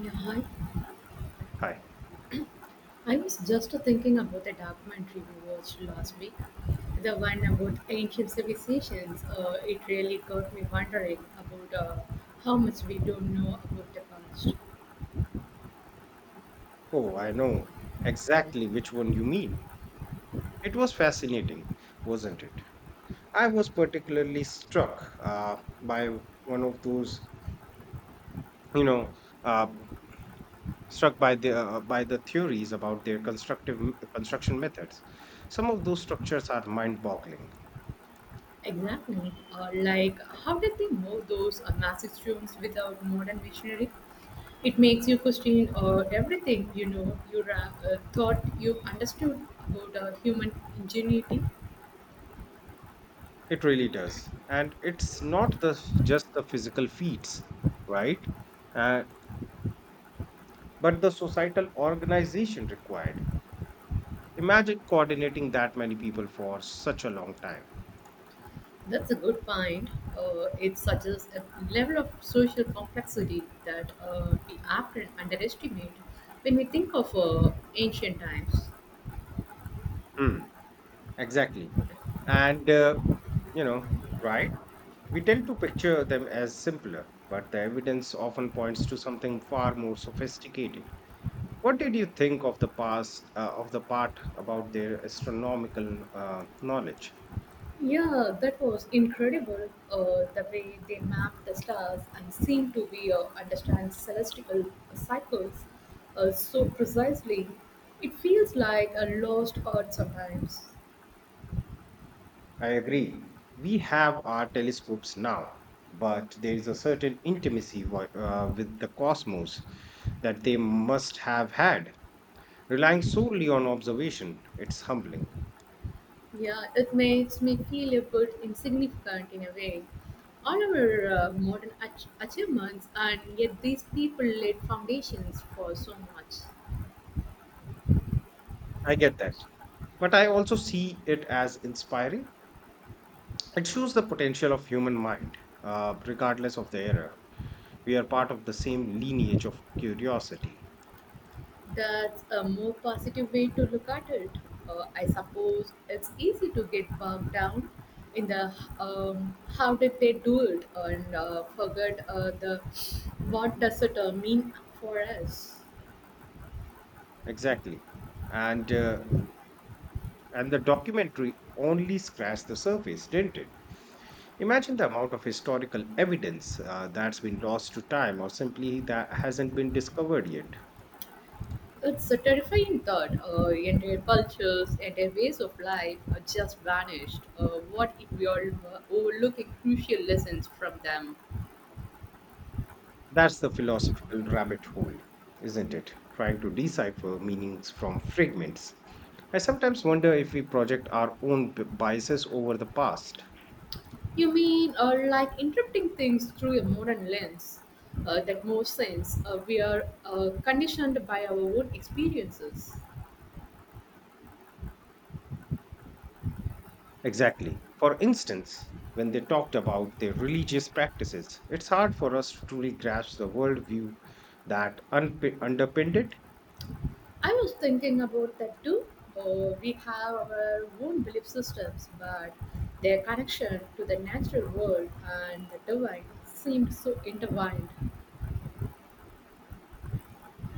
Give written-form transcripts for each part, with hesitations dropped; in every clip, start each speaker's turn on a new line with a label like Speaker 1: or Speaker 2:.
Speaker 1: Yeah, hi.
Speaker 2: Hi.
Speaker 1: I was just thinking about a documentary we watched last week, the one about ancient civilizations. It really got me wondering about how much we don't know about the past.
Speaker 2: Oh, I know exactly which one you mean. It was fascinating, wasn't it? I was particularly struck by one of those, you know, uh, struck by the theories about their construction methods. Some of those structures are mind-boggling.
Speaker 1: Exactly. Like, how did they move those massive stones without modern machinery? It makes you question everything you thought you understood about human ingenuity.
Speaker 2: It really does, and it's not the just the physical feats, right? Uh, but the societal organization required. Imagine coordinating that many people for such a long time.
Speaker 1: That's a good point. It suggests a level of social complexity that we often underestimate when we think of ancient times.
Speaker 2: Hmm, exactly. And, you know, right? We tend to picture them as simpler, but the evidence often points to something far more sophisticated. What did you think of the past of the part about their astronomical knowledge?
Speaker 1: Yeah, that was incredible. The way they mapped the stars and seemed to be understand celestial cycles so precisely. It feels like a lost art sometimes.
Speaker 2: I agree. We have our telescopes now, but there is a certain intimacy with the cosmos that they must have had. Relying solely on observation, it's humbling.
Speaker 1: Yeah, it makes me feel a bit insignificant in a way. All our modern achievements, and yet these people laid foundations for so much.
Speaker 2: I get that. But I also see it as inspiring. It shows the potential of human mind, regardless of the era. We are part of the same lineage of curiosity.
Speaker 1: That's a more positive way to look at it. I suppose it's easy to get bogged down in the how did they do it, and forget the what does it mean for us.
Speaker 2: Exactly. And uh, and the documentary only scratched the surface, didn't it? Imagine the amount of historical evidence that's been lost to time or simply that hasn't been discovered yet.
Speaker 1: It's a terrifying thought. Entire cultures, entire ways of life are just vanished. What if we are overlooking crucial lessons from them?
Speaker 2: That's the philosophical rabbit hole, isn't it? Trying to decipher meanings from fragments. I sometimes wonder if we project our own biases over the past.
Speaker 1: You mean like interpreting things through a modern lens that makes sense? We are conditioned by our own experiences.
Speaker 2: Exactly. For instance, when they talked about their religious practices, it's hard for us to truly grasp the worldview that underpinned it.
Speaker 1: I was thinking about that too. We have our own belief systems, but their connection to the natural world and the divine seemed so intertwined.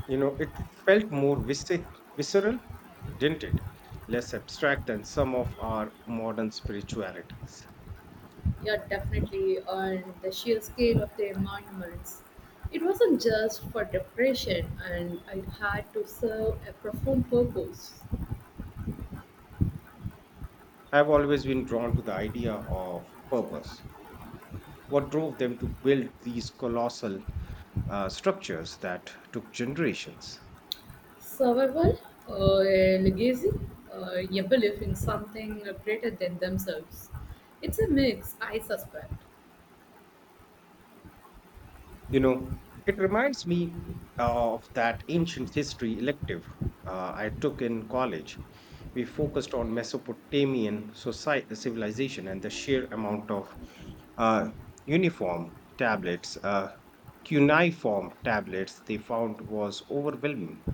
Speaker 2: You know, it felt more visceral, didn't it? Less abstract than some of our modern spiritualities.
Speaker 1: Yeah, definitely. On the sheer scale of their monuments, it wasn't just for depression, and it had to serve a profound purpose.
Speaker 2: I've always been drawn to the idea of purpose. What drove them to build these colossal structures that took generations?
Speaker 1: Survival, a legacy, a belief in something greater than themselves. It's a mix, I suspect.
Speaker 2: You know, it reminds me of that ancient history elective I took in college. We focused on Mesopotamian society, civilization and the sheer amount of uh, uniform tablets, cuneiform tablets they found was overwhelming.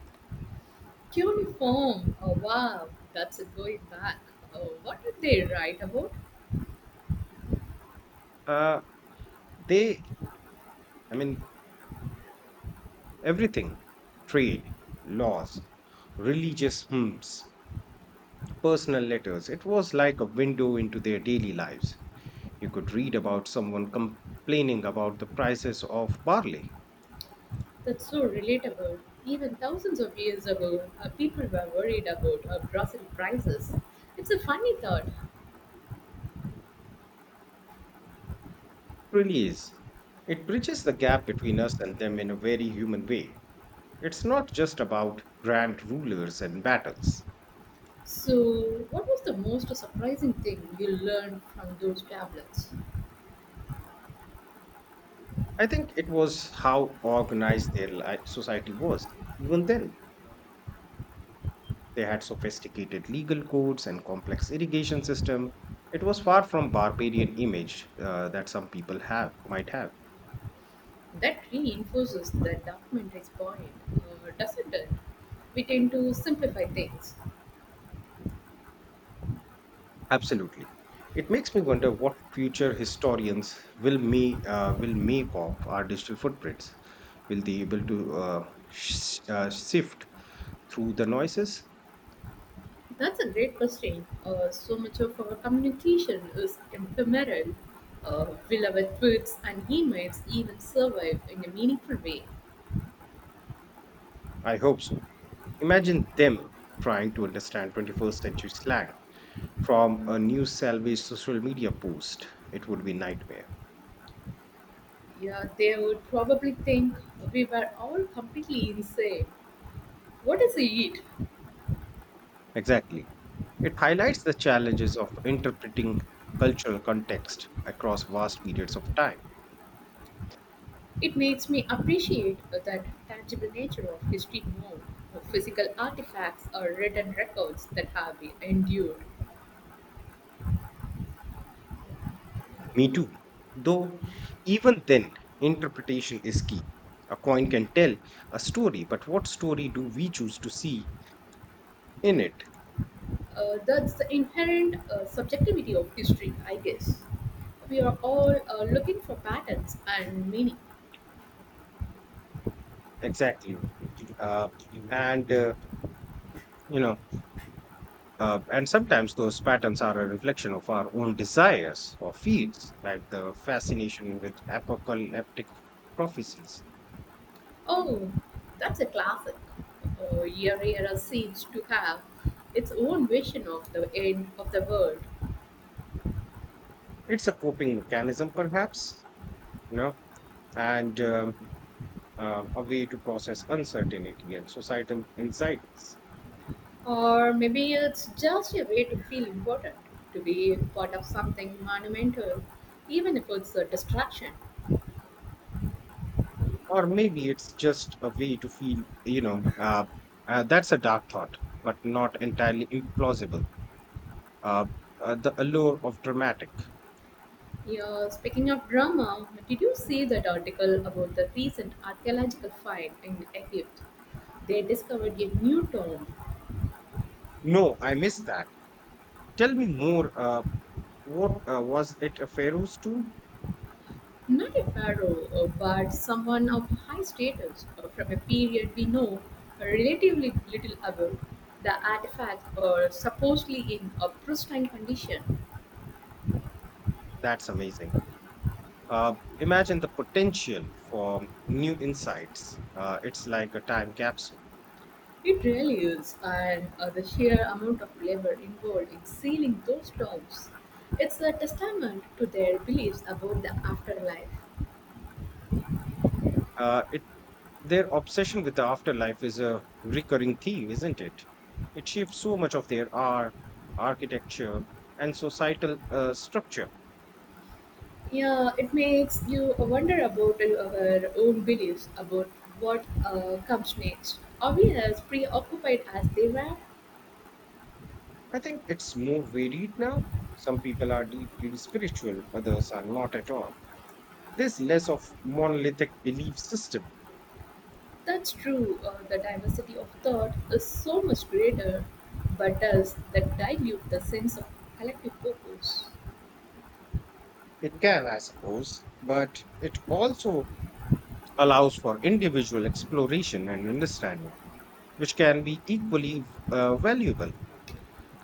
Speaker 1: Cuneiform, oh wow, that's a going back. Oh, what did they write about?
Speaker 2: Uh, they, I mean, everything: trade, laws, religious hymns, personal letters. It was like a window into their daily lives. You could read about someone complaining about the prices of barley. It
Speaker 1: That's so relatable. Even thousands of years ago, people were worried about Brazil prices. It's a funny thought.
Speaker 2: really is. It bridges the gap between us and them in a very human way. It's not just about grand rulers and battles.
Speaker 1: So, what was the most surprising thing you learned from those tablets?
Speaker 2: I think it was how organized their society was. Even then, they had sophisticated legal codes and complex irrigation system. It was far from barbarian image that some people have might have.
Speaker 1: That reinforces the documentary's point, doesn't it? We tend to simplify things.
Speaker 2: Absolutely. It makes me wonder what future historians will make of our digital footprints. Will they able to sift through the noises?
Speaker 1: That's a great question. So much of our communication is ephemeral. Will our tweets and emails even survive in a meaningful way?
Speaker 2: I hope so. Imagine them trying to understand 21st century slang from a new salvage social media post. It would be nightmare.
Speaker 1: Yeah, they would probably think we were all completely insane. What is it?
Speaker 2: Exactly. It highlights the challenges of interpreting cultural context across vast periods of time.
Speaker 1: It makes me appreciate that tangible nature of history more. Physical artifacts or written records that have been endured.
Speaker 2: Me too. Though, even then, interpretation is key. A coin can tell a story, but what story do we choose to see in it?
Speaker 1: That's the inherent subjectivity of history, I guess. We are all looking for patterns and meaning.
Speaker 2: Exactly. Uh, and, uh, you know, and sometimes those patterns are a reflection of our own desires or fears, like the fascination with apocalyptic prophecies.
Speaker 1: Oh, that's a classic. Every era seems to have its own vision of the end of the world.
Speaker 2: It's a coping mechanism, perhaps, you know, and a way to process uncertainty and societal anxieties.
Speaker 1: Or maybe it's just a way to feel important, to be part of something monumental, even if it's a distraction.
Speaker 2: Or maybe it's just a way to feel, that's a dark thought, but not entirely implausible. Uh, the allure of dramatic.
Speaker 1: Yeah, speaking of drama, did you see that article about the recent archaeological find in Egypt? They discovered a new tomb,
Speaker 2: No, I missed that. Tell me more. What was it a Pharaoh's tomb?
Speaker 1: not a pharaoh, but someone of high status from a period we know relatively little about. The artifact are supposedly in a pristine condition.
Speaker 2: That's amazing. Imagine the potential for new insights. It's like a time capsule.
Speaker 1: It really is, and the sheer amount of labor involved in sealing those tombs. It's a testament to their beliefs about the afterlife.
Speaker 2: It Their obsession with the afterlife is a recurring theme, isn't it? It shapes so much of their art, architecture, and societal structure.
Speaker 1: Yeah, it makes you wonder about our own beliefs about what comes next. Are we as preoccupied as they were?
Speaker 2: I think it's more varied now. Some people are deeply spiritual, others are not at all. There's less of monolithic belief system.
Speaker 1: That's true, the diversity of thought is so much greater, but does that dilute the sense of collective purpose?
Speaker 2: It can, I suppose, but it also allows for individual exploration and understanding, which can be equally valuable.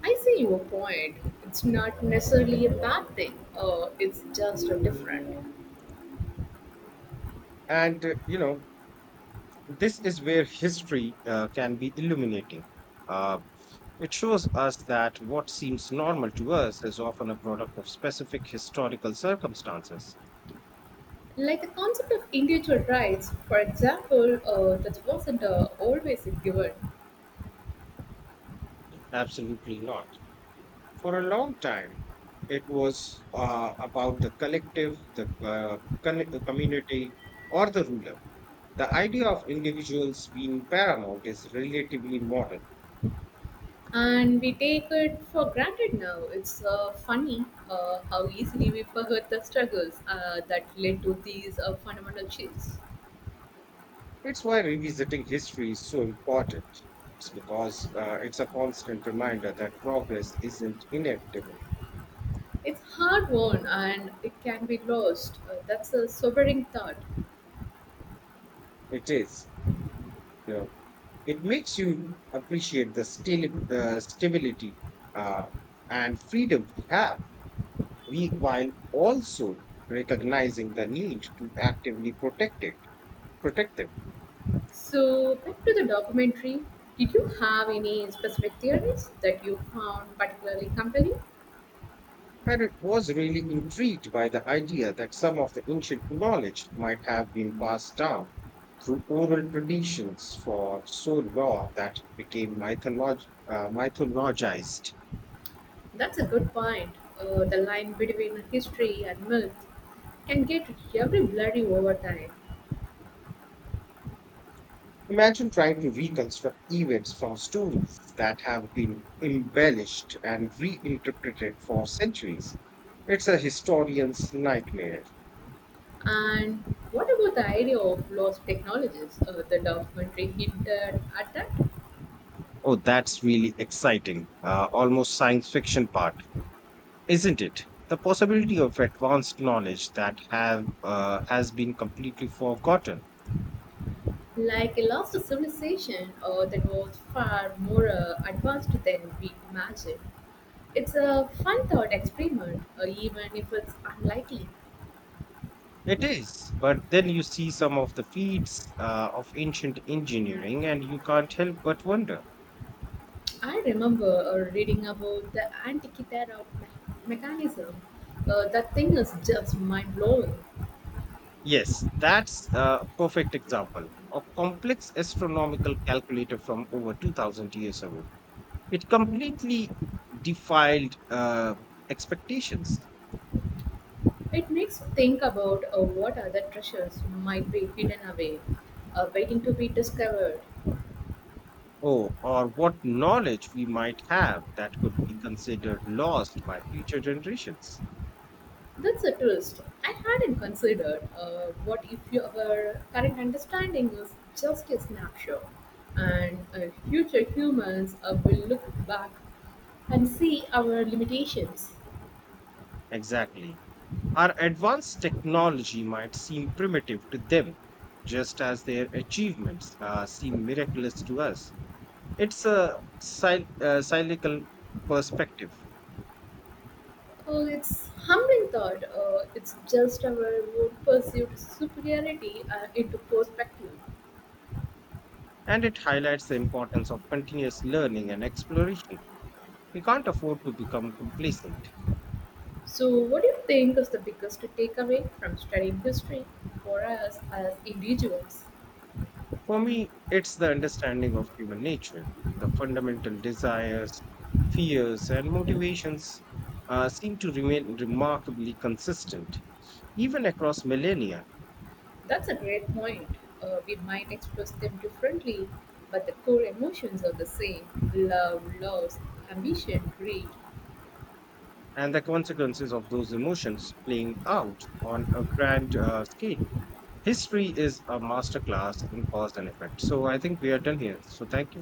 Speaker 1: I see your point. It's not necessarily a bad thing, it's just different.
Speaker 2: And uh, you know, This is where history can be illuminating. Uh, it shows us that what seems normal to us is often a product of specific historical circumstances.
Speaker 1: Like the concept of individual rights, for example, that wasn't always a given.
Speaker 2: Absolutely not. For a long time, it was about the collective, the the community, or the ruler. The idea of individuals being paramount is relatively modern.
Speaker 1: And we take it for granted now. It's funny how easily we forget the struggles that led to these fundamental shifts.
Speaker 2: It's why revisiting history is so important. It's because it's a constant reminder that progress isn't inevitable.
Speaker 1: It's hard won and it can be lost. That's a sobering thought.
Speaker 2: It is. You know, it makes you appreciate the stability uh, and freedom we have, while also recognizing the need to actively protect protect them.
Speaker 1: So back to the documentary. Did you have any specific theories that you found particularly compelling?
Speaker 2: And it was really intrigued by the idea that some of the ancient knowledge might have been passed down through oral traditions for so long that it became mythologized.
Speaker 1: That's a good point. The line between history and myth can get every blurry over time.
Speaker 2: Imagine trying to reconstruct events from stories that have been embellished and reinterpreted for centuries. It's a historian's nightmare.
Speaker 1: And what about the idea of lost technologies? The documentary hinted at that,
Speaker 2: Oh, that's really exciting. Almost science fiction part, isn't it? The possibility of advanced knowledge that have has been completely forgotten.
Speaker 1: like a lost civilization that was far more advanced than we imagined. It's a fun thought experiment, even if it's unlikely.
Speaker 2: It is, but then you see some of the feats of ancient engineering, and you can't help but wonder.
Speaker 1: I remember reading about the mechanism. That thing is just mind blowing.
Speaker 2: Yes, that's a perfect example. A complex astronomical calculator from over 2,000 years ago. It completely defied expectations.
Speaker 1: It makes you think about what other treasures might be hidden away, waiting to be discovered.
Speaker 2: Oh, or what knowledge we might have that could be considered lost by future generations.
Speaker 1: That's a twist. I hadn't considered. What if your current understanding is just a snapshot, and future humans will look back and see our limitations?
Speaker 2: Exactly. Our advanced technology might seem primitive to them, just as their achievements seem miraculous to us. It's a cyclical perspective,
Speaker 1: Oh, it's humbling thought. It's just our own perceived superiority into perspective.
Speaker 2: and it highlights the importance of continuous learning and exploration. We can't afford to become complacent.
Speaker 1: So, what do you think is the biggest takeaway from studying history for us as individuals?
Speaker 2: For me, it's the understanding of human nature. The fundamental desires, fears, and motivations seem to remain remarkably consistent, even across millennia,
Speaker 1: That's a great point. We might express them differently, but the core emotions are the same love, loss, ambition, greed.
Speaker 2: and the consequences of those emotions playing out on a grand scale. History is a masterclass in cause and effect. So I think we are done here. So thank you.